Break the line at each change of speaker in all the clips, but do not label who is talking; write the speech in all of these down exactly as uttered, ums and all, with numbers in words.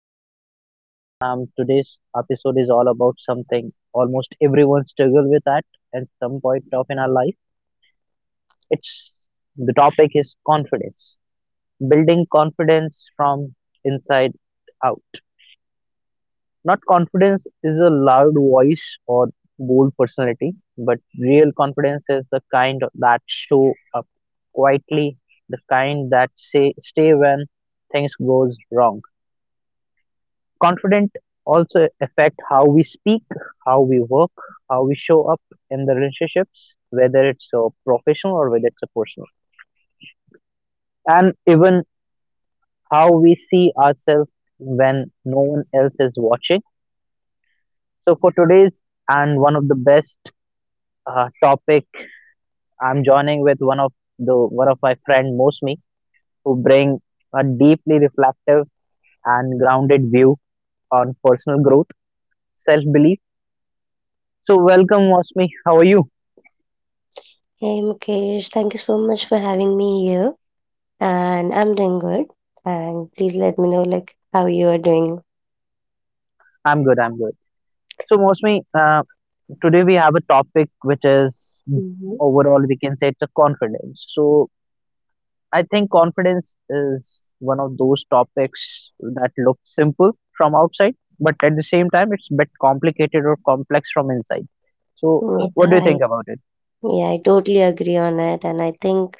mm, I'm Mukesh and I'm today's episode is all about something almost everyone struggle with at at some point of in our life. It's the topic is confidence. Building confidence from inside out. Not confidence is a loud voice or bold personality, but real confidence is the kind that show up quietly, the kind that say stay when things goes wrong confident also affect how we speak, how we work, how we show up in the relationships, whether it's a professional or whether it's a personal, and even how we see ourselves when no one else is watching. So for today's and one of the best uh, topic, I'm joining with one of the one of my friend Mosmi, who bring a deeply reflective and grounded view on personal growth, self belief. So welcome, Mosmi. How are you?
Hey Mukesh, thank you so much for having me here. And I'm doing good. And please let me know like how you are doing.
I'm good. I'm good. So, mostly uh, today we have a topic which is
hmm
overall we can say it's a confidence. So, I think confidence is one of those topics that looks simple from outside, but at the same time it's a bit complicated or complex from inside. So,
Yeah,
what do you think
I
about it?
yeah, I totally agree on it. And I think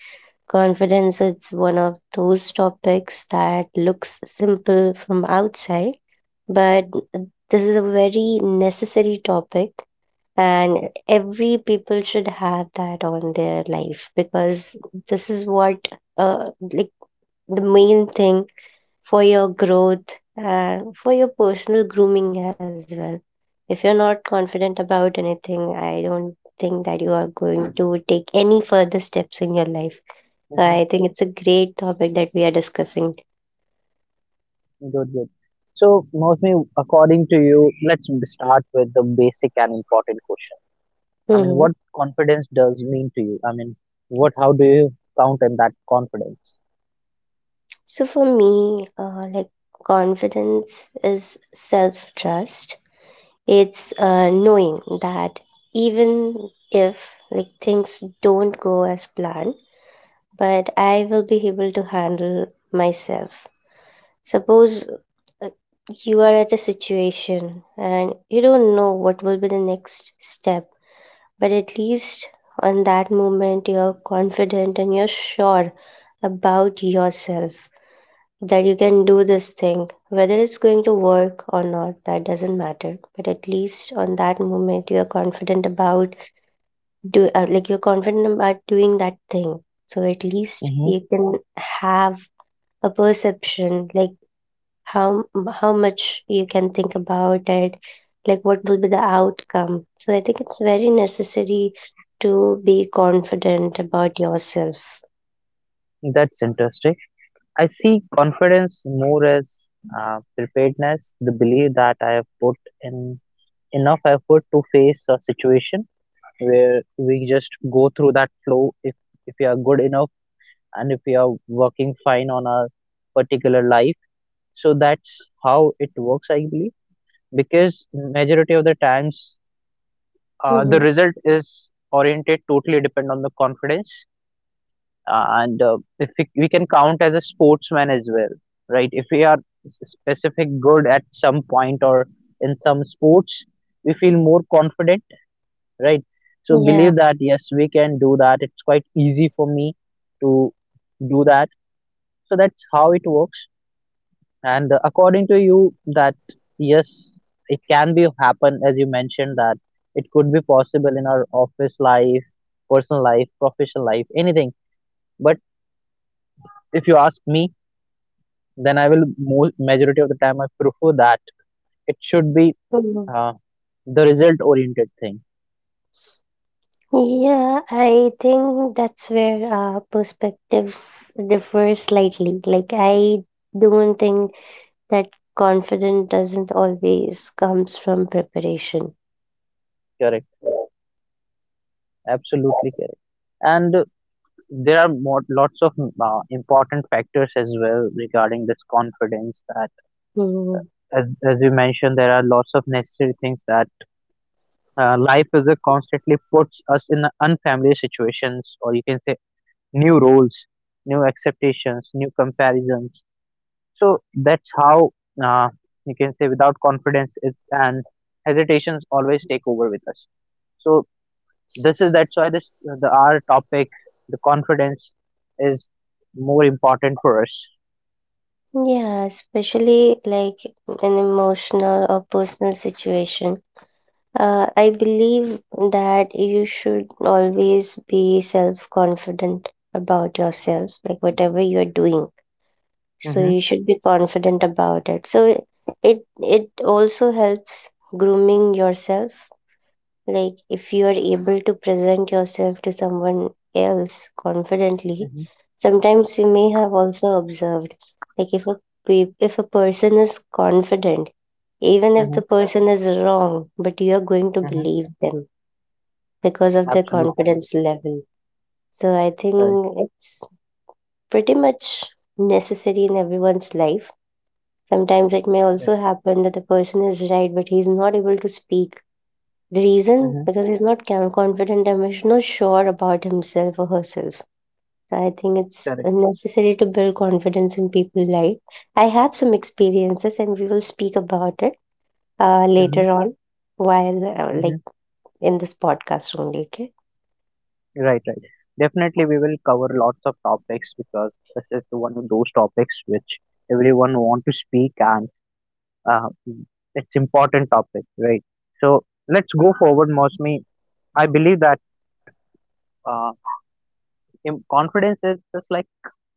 confidence is one of those topics that looks simple from outside, but this is a very necessary topic and every people should have that on their life because this is what uh like the main thing for your growth, uh, for your personal grooming as well. If you're not confident about anything, I don't think that you are going to take any further steps in your life. So
Hmm
I think it's a great topic that we are discussing.
Good, good. So, mostly according to you, let's start with the basic and important question. I mean,
hmm
what confidence does mean to you? I mean, what? How do you count in that confidence?
So for me, uh, like confidence is self trust. It's uh, knowing that even if like things don't go as planned but I will be able to handle myself. Suppose uh, you are at a situation and you don't know what will be the next step, but at least on that moment you're confident and you're sure about yourself that you can do this thing. Whether it's going to work or not, that doesn't matter, but at least on that moment you're confident about do uh, like you're confident about doing that thing. So at least
Hmm
you can have a perception like how how much you can think about it, like what will be the outcome. So I think it's very necessary to be confident about yourself.
That's interesting. I see confidence more as uh, preparedness, the belief that I have put in enough effort to face a situation where we just go through that flow if, if we are good enough and if we are working fine on our particular life. So that's how it works, I believe, because majority of the times uh, the
hmm
result is oriented totally depend on the confidence uh, and uh, if we, we can count as a sportsman as well, right? If we are s- specific good at some point or in some sports we feel more confident, right? So
Yeah.
believe that yes we can do that, it's quite easy for me to do that. So that's how it works, and uh, according to you that yes it can be happen as you mentioned that it could be possible in our office life, personal life, professional life, anything, but if you ask me then I will most majority of the time I prefer that it should be
Mhm.
uh, the result oriented thing.
Yeah, I think that's where uh, perspectives differ slightly. Like, I don't think that confidence doesn't always comes from preparation.
Correct, absolutely correct. And uh, there are more, lots of uh, important factors as well regarding this confidence. That
Mm,
as as you mentioned, there are lots of necessary things that uh, life is a constantly puts us in unfamiliar situations, or you can say new roles, new expectations, new comparisons. So that's how uh, you can say without confidence, it's and hesitations always take over with us. So this is that's why this uh, the our topic, the confidence is more important for us.
yeah, especially like an emotional or personal situation. Uh, I believe that you should always be self-confident about yourself, like whatever you're doing. So
Mm-hmm,
you should be confident about it. So it it also helps grooming yourself. Like, if you are able to present yourself to someone else confidently,
mm-hmm,
sometimes you may have also observed, like, if a pe- if a person is confident, even if
mm-hmm,
the person is wrong, but you are going to
mm-hmm.
believe them because of their
Absolutely right.
confidence level. So I think
Right.
it's pretty much necessary in everyone's life. Sometimes it may
Right.
also happen that the person is right, but he's not able to speak the reason
Mm-hmm,
because he's not cam- confident and he's not sure about himself or herself. So I think it's
correct.
necessary to build confidence in people's life. I have some experiences, and we will speak about it uh,
Mm-hmm,
later on, while uh, like
mm-hmm.
in this podcast only. Okay.
Right. Right. Definitely, we will cover lots of topics because this is the one of those topics which everyone want to speak and Uh, mm, it's important topic, right? So let's go forward, Mosmi. I believe that uh, em- confidence is just like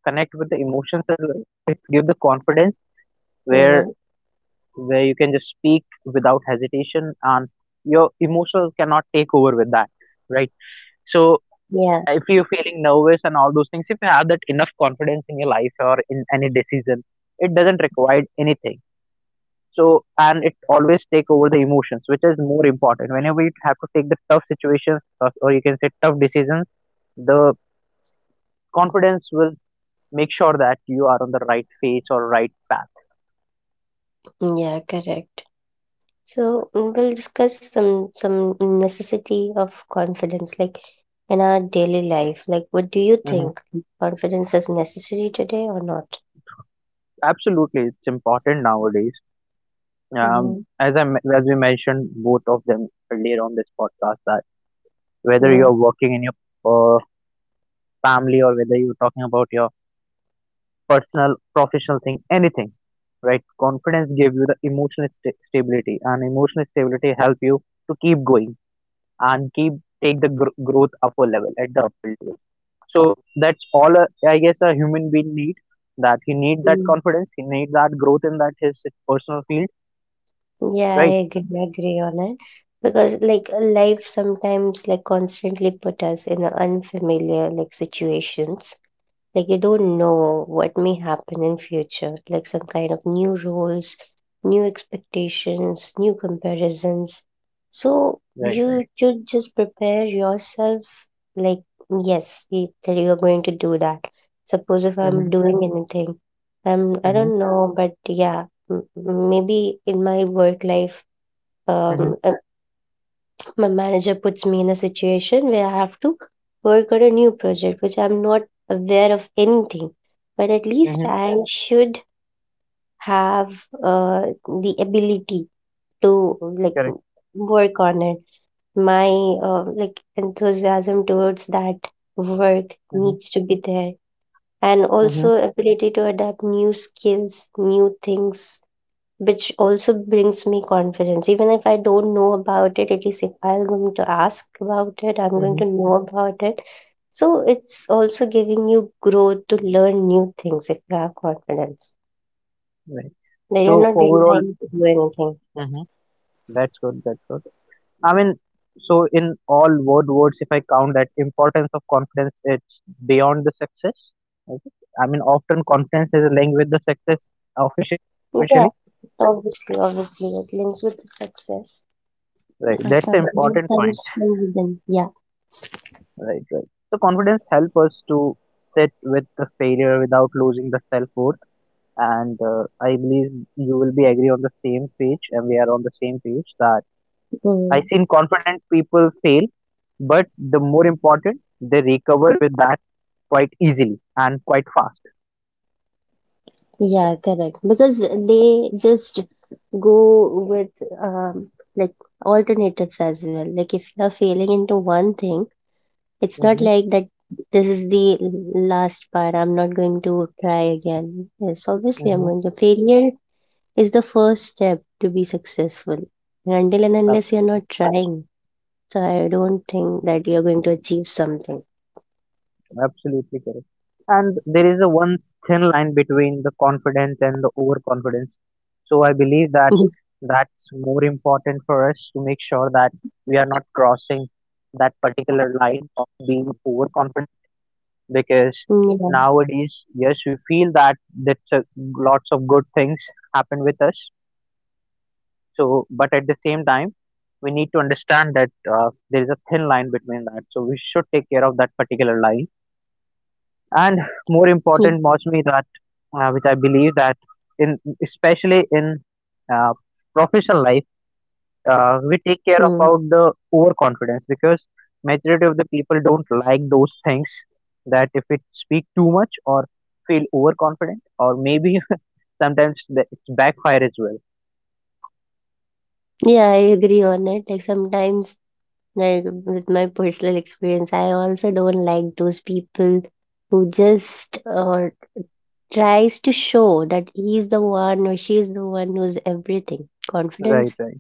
connect with the emotions as well. It give the confidence where
Mm,
where you can just speak without hesitation, and your emotions cannot take over with that, right? So
yeah.
if you're feeling nervous and all those things, if you have that enough confidence in your life or in any decision, it doesn't require anything. So and it always take over the emotions, which is more important. Whenever you have to take the tough situations, or, or you can say tough decisions, the confidence will make sure that you are on the right phase or right path.
Yeah. Correct. So mm, we'll discuss some some necessity of confidence, like in our daily life. Like, what do you
Hmm
think? Confidence is necessary today or not?
Absolutely, it's important nowadays. Um,
Mm-hmm.
as I me- as we mentioned both of them earlier on this podcast, that whether
Mm.
you're working in your uh, family or whether you're talking about your personal, professional thing, anything, right? Confidence give you the emotional sta- stability, and emotional stability help you to keep going and keep take the gr- growth upper level at the upper level. So that's all a, I guess a human being need that he need that
Mm.
confidence, he need that growth in that his personal field,
Yeah, I
right?
agree, agree on it. Because like life sometimes like constantly put us in a unfamiliar like situations, like you don't know what may happen in future, like some kind of new rules, new expectations, new comparisons. So
Right, right.
you should just prepare yourself like yes y- that you are going to do that. Suppose if I'm
Mhm,
doing Mhm. anything, i'm i am doing anything, I am I do
mhm,
not know but yeah, m- maybe in my work life
mhm,
um my manager puts me in a situation where I have to work on a new project, which I'm not aware of anything. But at least
mhm.
I should have uh, the ability to like
Correct.
work on it. My uh, like enthusiasm towards that work
Mhm,
needs to be there, and
mhm,
also ability to adapt new skills, new things which also brings me confidence. Even if I don't know about it, at least if I'm going to ask about it, I'm going
mhm.
to know about it. So it's also giving you growth to learn new things if you have confidence.
Right.
Then you're
So
not
overall,
denying to do anything.
hmm that's good. That's good. I mean, so in all word words, if I count that importance of confidence, it's beyond the success. Okay. I mean, often confidence is linked with the success officially.
Yeah,
Officially,
obviously, obviously, it links with the success
right? That's an
because
important
confidence
point.
comes from within. Yeah.
Right, right. So confidence help us to sit with the failure without losing the self worth, and uh, I believe you will be agree on the same page, and we are on the same page that I seen
Mm.
confident people fail, but the more important they recover with that quite easily and quite fast.
Yeah, correct. Because they just go with um, like alternatives as well. Like if you're failing into one thing, it's not
Mm-hmm,
like that this is the last part, I'm not going to try again. Yes, obviously I'm
mm-hmm.
going to. Failure is the first step to be successful. And until and unless you're not trying, so I don't think that you're going to achieve something.
Absolutely correct. And there is a one thin line between the confidence and the overconfidence. So I believe that that's more important for us to make sure that we are not crossing that particular line of being overconfident because
Yeah.
nowadays yes we feel that that's a, lots of good things happen with us so but at the same time we need to understand that uh, there is a thin line between that so we should take care of that particular line and more
Mm.
important mostly that uh, which I believe that in especially in uh, professional life uh, we take care
Mm.
about the overconfidence because majority of the people don't like those things that if it speak too much or feel overconfident or maybe sometimes the, it's backfire as well,
Yeah, I agree on it. Like sometimes like with my personal experience, I also don't like those people who just uh, tries to show that he's the one or she's the one who's everything.
right,
Confidence
right,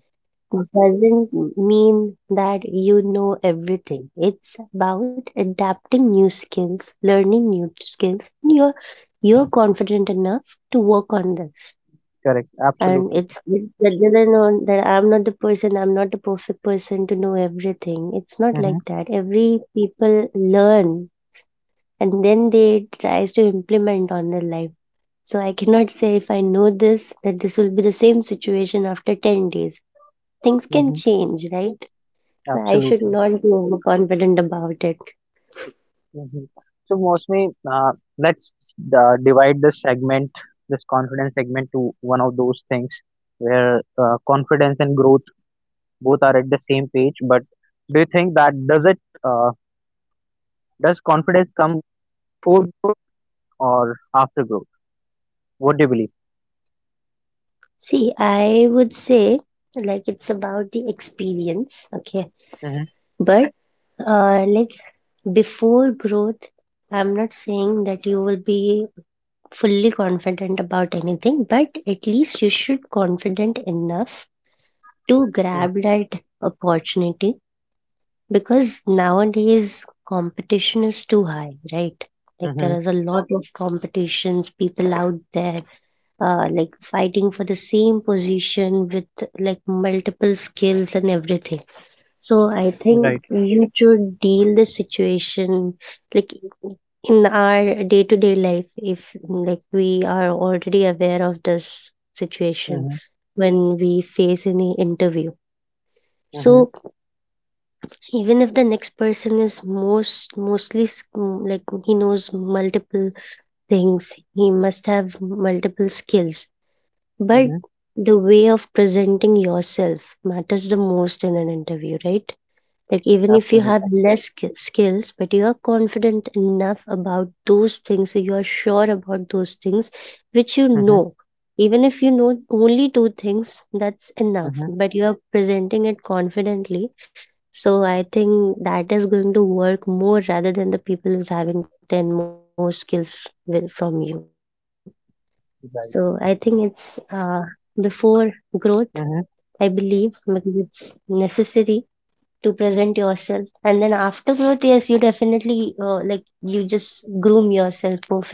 doesn't mean that you know everything. It's about adapting new skills, learning new skills. You're you're confident enough to work on this,
correct,
and
absolutely.
it's it's better than on that. I'm not the person, I'm not the perfect person to know everything. It's not like
Mm-hmm.
that. Every people learn and then they tries to implement on their life. So I cannot say if I know this that this will be the same situation after ten days. Things can
Mm-hmm.
change, right? So I should
Absolutely.
not be overconfident about it.
Mm-hmm. So mostly uh, let's uh, divide this segment, this confidence segment to one of those things where uh, confidence and growth both are at the same page but do you think that does it uh, does confidence come before growth or after growth? What do you believe?
See, I would say like it's about the experience. Okay.
Mhm,
But uh, like, before growth, I'm not saying that you will be fully confident about anything, but at least you should confident enough to
mhm,
grab that opportunity, because nowadays competition is too high, right? Like
mhm.
there is a lot of competitions people out there, uh, like fighting for the same position with like multiple skills and everything. So I think
Right.
you should deal the situation like in our day-to-day life. If like we are already aware of this situation
Mhm,
when we face any interview.
mhm,
So even if the next person is most mostly s- mm, like he knows multiple things, he must have multiple skills. But
mhm.
the way of presenting yourself matters the most in an interview, right? Like, even if you have
Absolutely.
less sk- skills, but you are confident enough about those things, so you are sure about those things which you
Mhm,
know. Even if you know only two things, that's enough,
mhm.
but you are presenting it confidently. So, I think that is going to work more rather than the people who's having ten more skills with, from you. So, I think it's
Right.
uh, before growth, I believe,
Mhm,
because it's necessary to present yourself, and then after growth, yes, you definitely uh, like you just groom yourself perfectly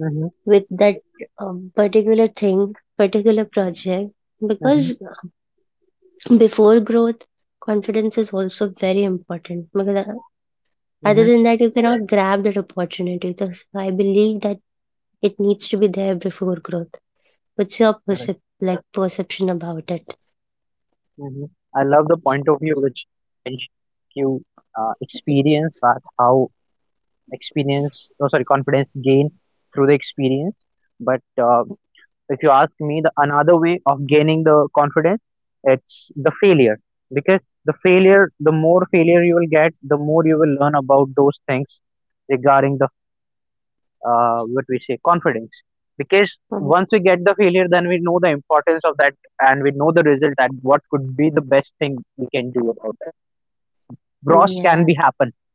mhm,
with that um, particular thing, particular project, because
mhm,
before growth confidence is also very important, because uh, other
mhm.
than that you cannot grab that opportunity. So I believe that it needs to be there before growth. What's your
Correct.
percep- like, perception about it?
Mhm, I love the point of view which mentioned you uh, experience that how experience, oh sorry, confidence gained through the experience, but uh, if you ask me the another way of gaining the confidence, it's the failure because the failure the more failure you will get the more you will learn about those things regarding the uh, what we say confidence because once we
Mhm.
get the failure then we know the importance of that and we know the result and what could be the best thing we can do about that. Growth can be happen,
Yeah.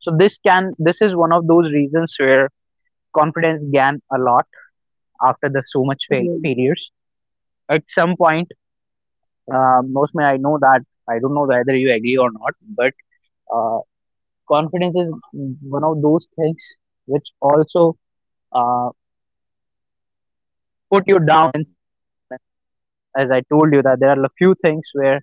so this can this is one of those reasons where confidence gain a lot after the so much fail- failures at some point. Uh, Mostly, I know that I don't know whether you agree or not, but uh, confidence is one of those things which also uh, put you down. As I told you that there are a few things where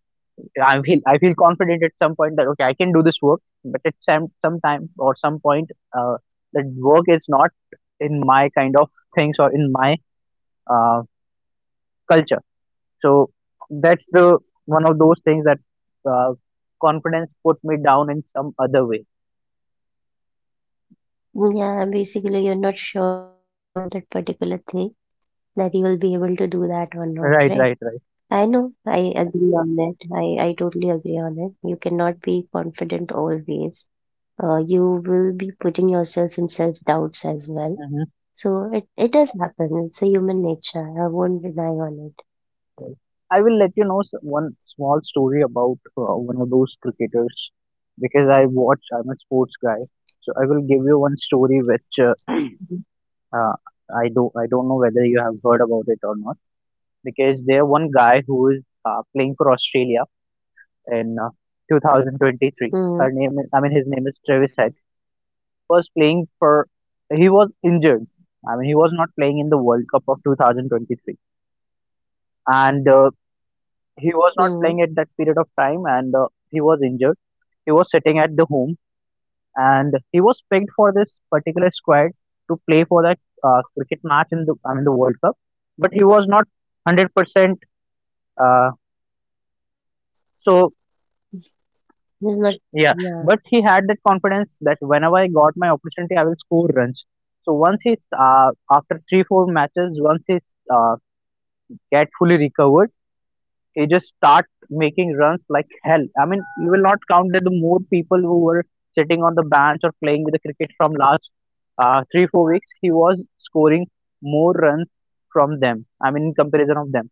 I feel I feel confident at some point that okay I can do this work, but at some some time or some point uh, that work is not in my kind of things or in my uh, culture. So that's the one of those things that uh, confidence put me down in some other way.
Yeah, basically, you're not sure about that particular thing, that you will be able to do that or not,
Right,
right?
right, right.
I know, I agree on that. I, I totally agree on it. You cannot be confident always. Uh, you will be putting yourself in self-doubts as well.
Mhm.
So it, it does happen. It's a human nature. I won't deny on
I will let you know s- one small story about uh, one of those cricketers because I watch. I'm a sports guy, so I will give you one story which uh,
it.
uh, I don't I don't know whether you have heard about it or not. Because there one guy who is uh, playing for Australia in uh,
Mm-hmm.
two thousand twenty-three. Her name is, I mean his name is Travis Head. Was playing for he was injured. I mean he was not playing in the World Cup of twenty twenty-three, and uh,
Mm-hmm.
he was not playing at that period of time and uh, he was injured. He was sitting at the home and he was picked for this particular squad to play for that uh, cricket match in the I mean the World Cup, but he was not hundred percent. uh So
It's not, yeah.
yeah, but he had that confidence that whenever I got my opportunity, I will score runs. So once he's uh, after three four matches, once he's uh, get fully recovered you just start making runs like hell. I mean, you will not count that the more people who were sitting on the bench or playing with the cricket from last uh, three four weeks, he was scoring more runs from them. I mean, in comparison of them.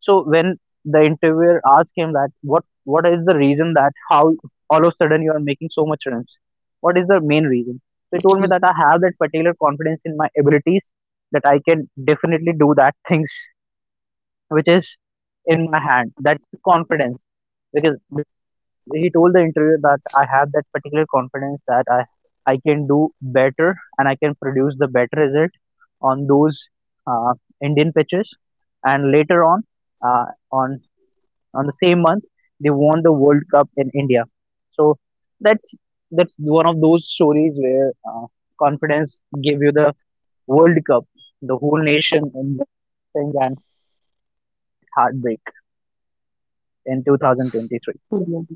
So when the interviewer asked him that what what is the reason that how all of a sudden you are making so much runs, what is the main reason? So he
Mm.
told me that I have that particular confidence in my abilities that I can definitely do that things which is in my hand. That's the confidence because he told the interviewer that I have that particular confidence that I I can do better and I can produce the better result on those uh, Indian pitches. And later on, uh, on on the same month, they won the World Cup in India. So that's that's one of those stories where uh, confidence gave you the World Cup, the whole nation in the thing and heartbreak in two thousand twenty-three.
Yeah.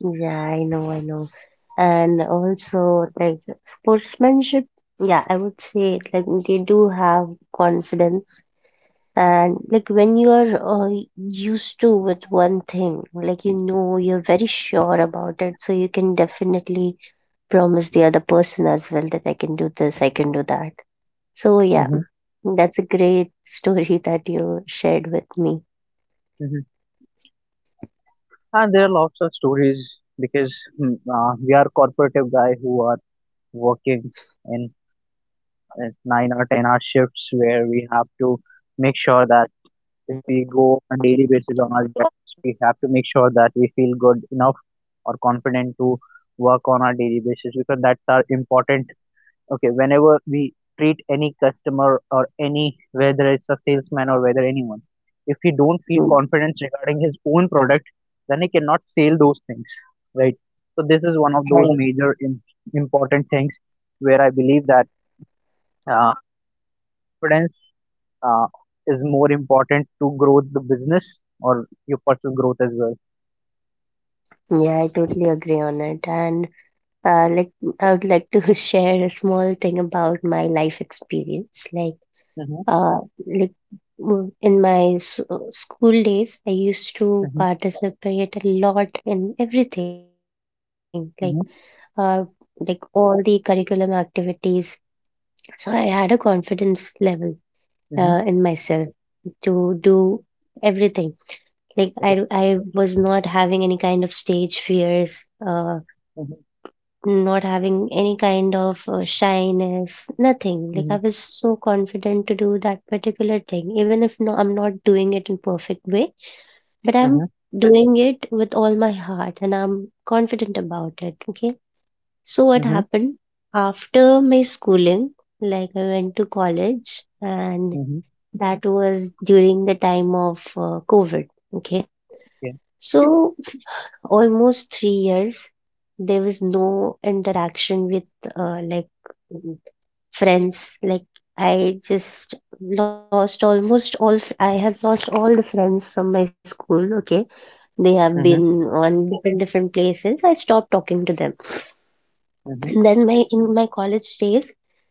Yeah, I know, I know. And also, like, sportsmanship, yeah, I would say, like, they do have confidence. And, like, when you are uh, used to with one thing, like, you know, you're very sure about it, so you can definitely promise the other person as well that I can do this, I can do that. So, yeah,
Hmm.
that's a great story that you shared with me.
Hmm. And there are lots of stories because mm, uh, we are corporative guy who are working in, uh nine or ten hour shifts where we have to make sure that if we go on daily basis on our jobs, we have to make sure that we feel good enough or confident to work on our daily basis because that's our important. Okay, whenever we treat any customer or any, whether it's a salesman or whether anyone, if he don't feel
Mm,
confidence regarding his own product, then he cannot sell those things, right? So this is one of those major im- important things where I believe that uh, confidence uh, is more important to grow the business or your personal growth as well.
yeah, I totally agree on it. And uh, like I would like to share a small thing about my life experience. Like,
Mhm,
uh, like w- in my s- school days, I used to
mhm,
participate a lot in everything, like, uh,
mhm,
like all the curriculum activities. So I had a confidence level uh, in
mhm,
myself to do everything. Like I,
correct.
I was not having any kind of stage fears. Uh,
Mhm,
not having any kind of uh, shyness, nothing. Like I
mhm,
was so confident to do that particular thing, even if no, I'm not doing it in perfect way, but I'm
mhm,
doing it with all my heart and I'm confident about it. Okay. So what
mhm,
happened after my schooling? Like I went to college, and
mhm,
that was during the time of uh, COVID. Okay.
yeah.
So almost three years there was no interaction with uh, like mm, friends. Like I just lost almost all f- I have lost all the friends from my school. Okay, they have been
Mhm,
on different different places, I stopped talking to them. And
mhm,
then my in my college days,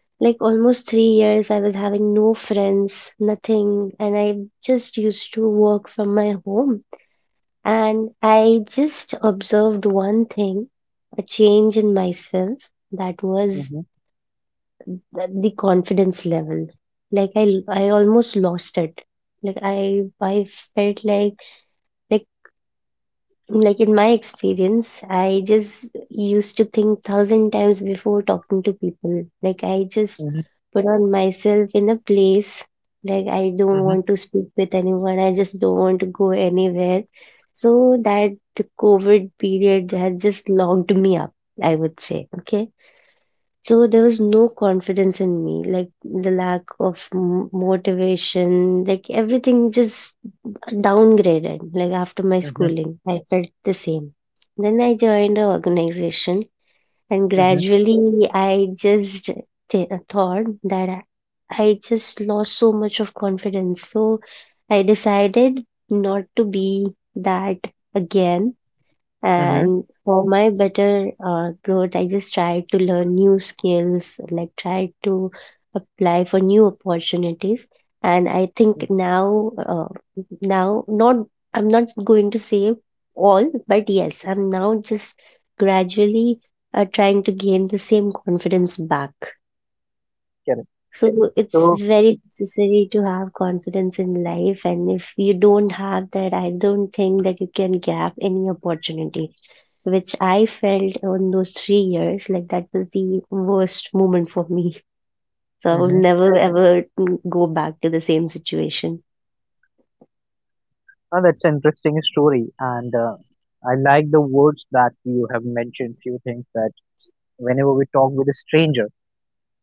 like almost three years I was having no friends, nothing, and I just used to work from my home. And I just observed one thing, a change in myself, that was
mhm,
the the confidence level. Like I, I almost lost it. Like I, I felt like like like in my experience, I just used to think thousand times before talking to people. Like I just
mhm,
put on myself in a place. Like I don't
mhm,
want to speak with anyone. I just don't want to go anywhere. So that COVID period has just locked me up, I would say. Okay. So there was no confidence in me, like the lack of m- motivation, like everything just downgraded. Like after my
mhm.
schooling, I felt the same. Then I joined an organization, and
Mhm,
gradually I just th- thought that I I just lost so much of confidence. So I decided not to be that again,
mhm.
and for my better uh, growth, I just tried to learn new skills, like tried to apply for new opportunities. And I think now, uh, now not I'm not going to say all, but yes, I'm now just gradually uh, trying to gain the same confidence back.
Correct.
So it's
So
very necessary to have confidence in life. And if you don't have that, I don't think that you can grab any opportunity, which I felt on those three years, like that was the worst moment for me. So I would
mhm.
never ever go back to the same situation.
Uh, that's an interesting story, and uh, I like the words that you have mentioned. Few things that whenever we talk with a stranger,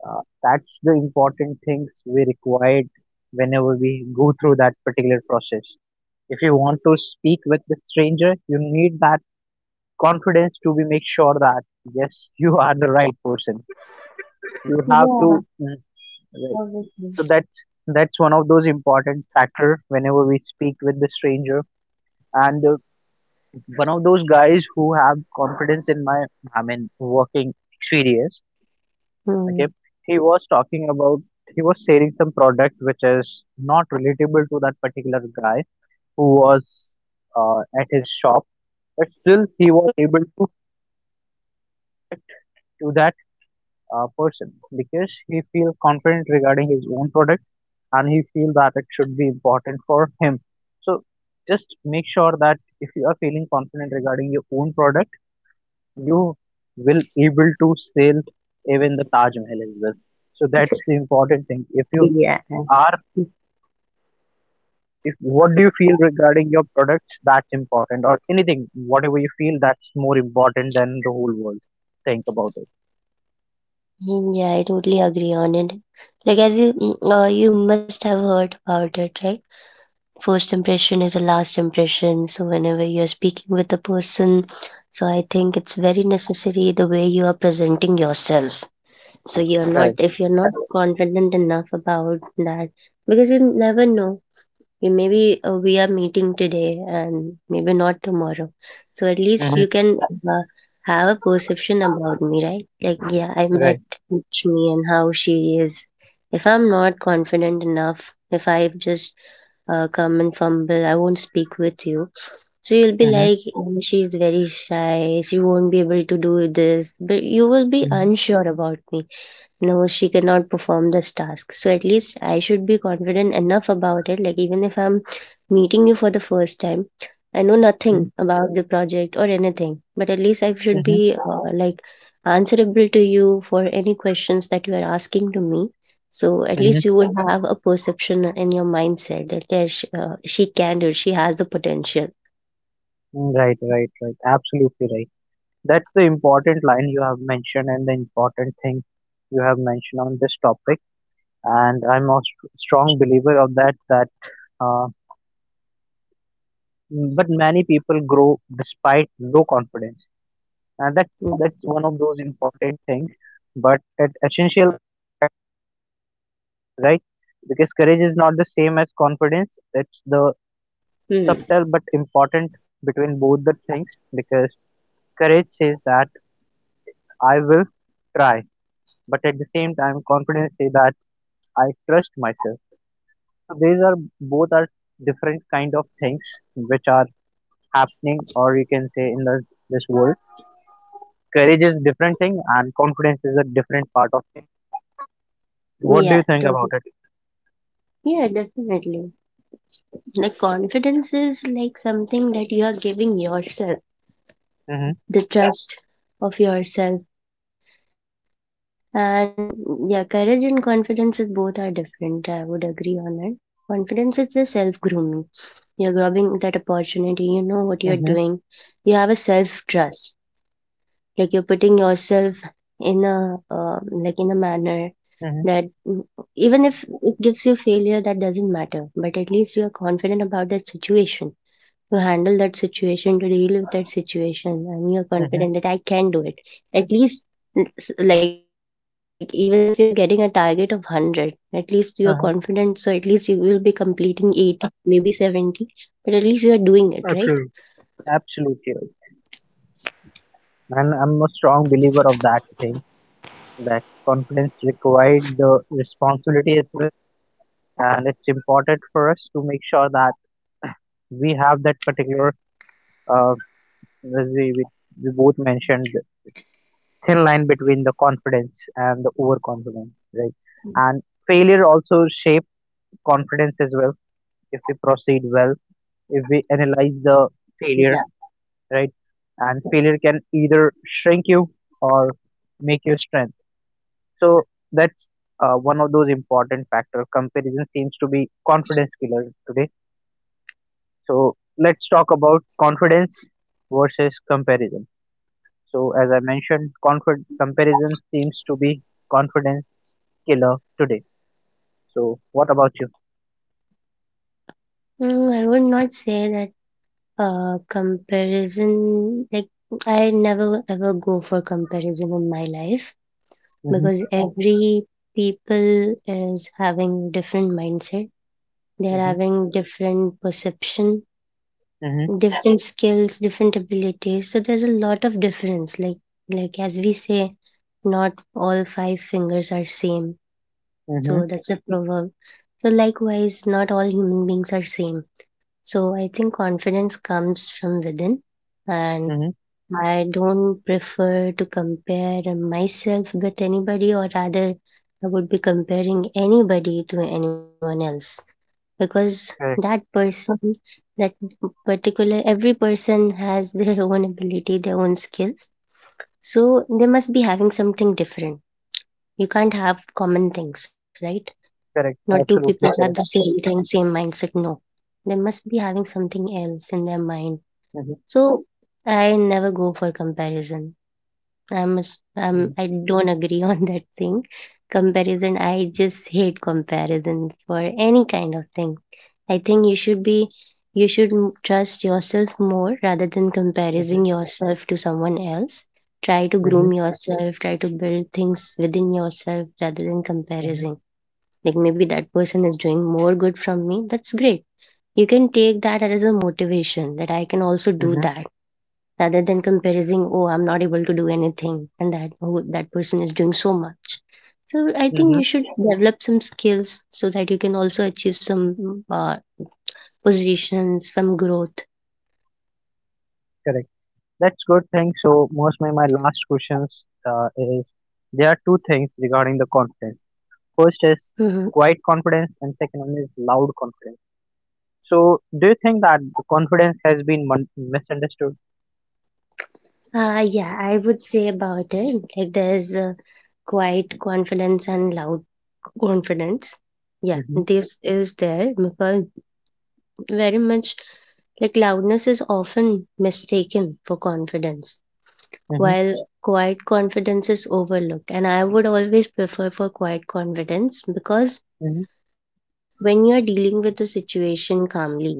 uh, that's the important things we required whenever we go through that particular process. If you want to speak with the stranger, you need that confidence to be make sure that yes, you are the right person. You have to
Yeah,
mm, right.
obviously.
So that's that's one of those important factor whenever we speak with the stranger and uh, one of those guys who have confidence in my, I mean working experience. Okay,
Hmm.
he was talking about he was sharing some product which is not relatable to that particular guy who was uh, at his shop, but still he was able to fit to that uh, person because he feel confident regarding his own product and he feel that it should be important for him. So just make sure that if you are feeling confident regarding your own product, you will able to sell even the Taj Mahal as well. So that's the important thing. If you
Yeah.
are, if what do you feel regarding your products, that's important, or anything, whatever you feel, that's more important than the whole world. Think about it.
Mm, Yeah, I totally agree on it. Like as you, mm, uh, you must have heard about it, right? First impression is a last impression. So, whenever you're speaking with a person, so I think it's very necessary the way you are presenting yourself. So, you're not,
Correct.
if you're not confident enough about that, because you never know, we maybe uh, we are meeting today and maybe not tomorrow, so at least
Hmm.
you can uh, have a perception about me, right? Like, yeah, I
Right.
met Lakshmi and how she is. If I'm not confident enough, if I've just uh, come and fumble, I won't speak with you, so you'll be
Hmm.
like, "Oh, she's very shy, she won't be able to do this," but you will be
Hmm.
unsure about me, no, she cannot perform this task. So at least I should be confident enough about it. Like, even if I'm meeting you for the first time, I know nothing about the project or anything, but at least I should
Hmm.
be uh, like answerable to you for any questions that you are asking to me. So at
Hmm.
least you would Mhm. have a perception in your mindset that, yeah, she, uh, she can do it, she has the potential.
Right. Right. Right. Absolutely right. That's the important line you have mentioned, and the important thing you have mentioned on this topic. And I'm a str- strong believer of that. That. Uh, Mm, but many people grow despite low confidence, and that's
Mm.
that's one of those important things. But it's essential, right? Because courage is not the same as confidence. It's the
Hmm.
subtle but important between both the things. Because courage says that I will try, but at the same time, confidence says that I trust myself. So these are both are different kind of things which are happening, or you can say in the this world. Courage is different thing and confidence is a different part of it. What do
Yeah,
you think about
totally.
it?
Yeah, definitely. Like confidence is like something that you are giving yourself.
Mm-hmm.
The trust of yourself. And mm, yeah, courage and confidence is both are different. I would agree on it. Confidence is the self grooming. You're grabbing that opportunity, you know what you're
Mm-hmm.
doing. You have a self trust. Like you're putting yourself in a uh, like in a manner
Mm-hmm.
that mm, even if it gives you failure, that doesn't matter. But at least you're confident about that situation, to handle that situation, to deal with that situation,
Mm-hmm.
and you're confident that I can do it. At least, n- s- like, even if you're getting a target of one hundred, at least you're confident,
Uh-huh.
so at least you will be completing eighty, maybe seventy, but at least you're doing it, right?
Absolutely. Absolutely, right. And I'm a strong believer of that thing that confidence required the responsibility as well. And it's important for us to make sure that we have that particular, uh, as we, we, we both mentioned, the thin line between the confidence and the overconfidence, right? And failure also shape confidence as well if we proceed well, if we analyze the
Yeah.
failure, right? And failure can either shrink you or make you strength. So that's uh, one of those important factor. Comparison seems to be confidence killer today. So let's talk about confidence versus comparison. So as I mentioned, confid comparison seems to be confidence killer today. So what about you?
Mm, I would not say that uh, comparison, like, I never ever go for comparison in my life
Mm-hmm,
because every people is having different mindset, they're
mm-hmm,
having different perception,
mm-hmm,
different skills, different abilities. So there's a lot of difference. like like as we say, not all five fingers are same,
mm-hmm,
so that's a proverb. So likewise, not all human beings are same. So I think confidence comes from within, and
mm-hmm.
I don't prefer to compare myself with anybody, or rather I would be comparing anybody to anyone else, because that
Correct,
person, that particular every person has their own ability, their own skills, so they must be having something different. You can't have common things, right? Not
correct,
two people have
absolutely
the
correct.
same thing, same mindset, no, they must be having something else in their mind.
Mm-hmm.
So I never go for comparison. I'm, s- I'm, I don't agree on that thing. Comparison, I just hate comparison for any kind of thing. I think you should be, you should m- trust yourself more rather than comparing
Mhm,
yourself to someone else. Try to groom
mhm,
yourself, try to build things within yourself rather than
mhm,
comparing. Like maybe that person is doing more good from me. That's great. You can take that as a motivation that I can also do
mhm,
that, rather than comparing, oh, I'm not able to do anything, and that, oh, that person is doing so much. So I think
mhm.
you should develop some skills so that you can also achieve some mm, uh, positions, some growth.
Correct. That's good thing. So most mostly my last questions uh, is there are two things regarding the confidence. First is
Mm-hmm.
quiet confidence, and second one is loud confidence. So do you think that the confidence has been mon- misunderstood?
Uh, yeah, I would say about it. Like there's uh, quiet confidence and loud confidence. Yeah,
Mm-hmm,
this is there because very much, like loudness is often mistaken for confidence
mm-hmm,
while quiet confidence is overlooked. And I would always prefer for quiet confidence, because
mm-hmm,
when you're dealing with the situation calmly,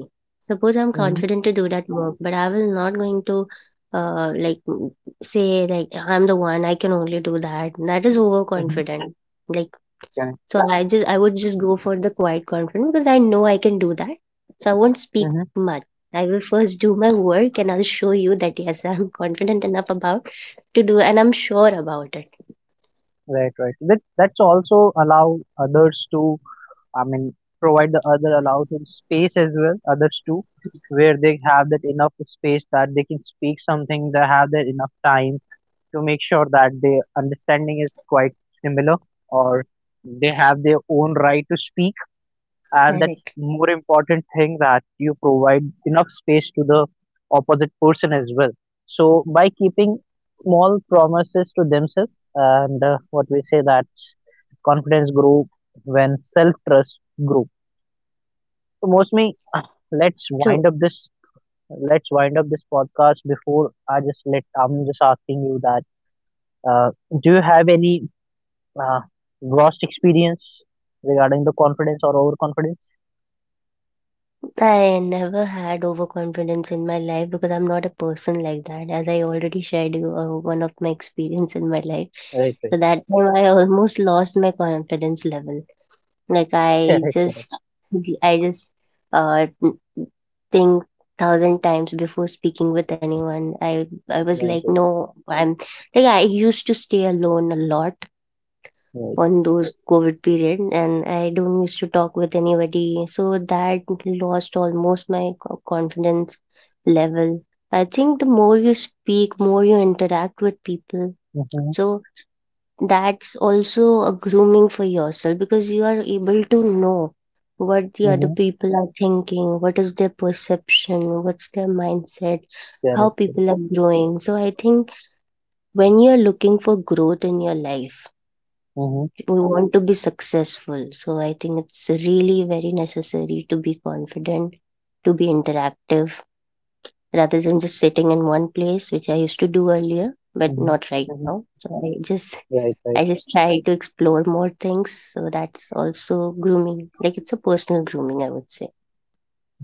suppose I'm confident
mm-hmm,
to do that work, but I will not going to uh like m- say, like, I'm the one, I can only do that. That is
mm-hmm.
overconfident. Like,
Correct.
so I just, I would just go for the quiet confidence because I know I can do that. So I won't speak
Mm-hmm.
much. I will first do my work and I'll show you that, yes, I'm confident enough about to do and I'm sure about it.
Right, right. That that's also allow others to, I mean, provide the other allow him space as well, others too, where they have that enough space that they can speak something, they have that enough time to make sure that their understanding is quite similar or they have their own right to speak. And that's
Correct.
more important thing that you provide enough space to the opposite person as well. So by keeping small promises to themselves and uh, what we say that confidence grow when self trust grow. So mostly, let's
True.
wind up this. Let's wind up this podcast before I just let. I'm just asking you that. Uh, do you have any uh, lost experience regarding the confidence or overconfidence?
I never had overconfidence in my life because I'm not a person like that. As I already shared you uh, one of my experience in my life.
Right, right.
So that time I almost lost my confidence level. Like I
Correct, correct.
just, I just uh think thousand times before speaking with anyone. I I was
Right,
like,
right.
no, I'm, like I used to stay alone a lot
Right.
on those COVID period, and I don't used to talk with anybody. So that lost almost my co- confidence level. I think the more you speak, more you interact with people.
Mm-hmm.
So that's also a grooming for yourself, because you are able to know what the other
Mm-hmm.
people are thinking, what is their perception, what's their mindset, how
Correct, correct.
people are growing. So I think when you're looking for growth in your life,
Mm-hmm.
we want to be successful. So I think it's really very necessary to be confident, to be interactive, rather than just sitting in one place, which I used to do earlier, but
Mm-hmm.
not right
Mm-hmm.
now. So I just,
Right, right.
I just try to explore more things. So that's also grooming. Like it's a personal grooming, I would say.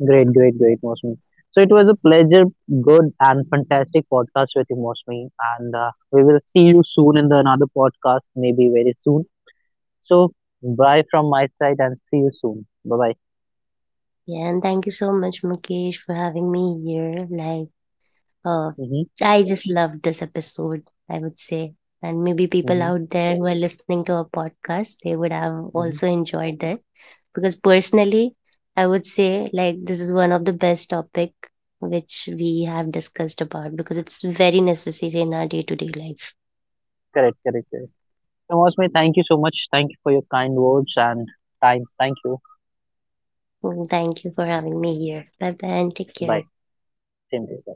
Great, great, great, Mosmi. So it was a pleasure, good and fantastic podcast with you, Mosmi. And uh, we will see you soon in the another podcast, maybe very soon. So bye from my side and see you soon. Bye bye.
Yeah, and thank you so much, Mukesh, for having me here. Like, uh,
Mhm.
I just loved this episode, I would say. And maybe people
Mhm.
out there who are listening to our podcast, they would have
Mhm.
also enjoyed it. Because personally, I would say, like, this is one of the best topic which we have discussed about, because it's very necessary in our day to day life.
Correct. Correct. Correct. So, Mosme, thank you so much. Thank you for your kind words and time. Thank you.
Well, thank you for having me here. Bye bye and take
Bye.
care.
Same to you.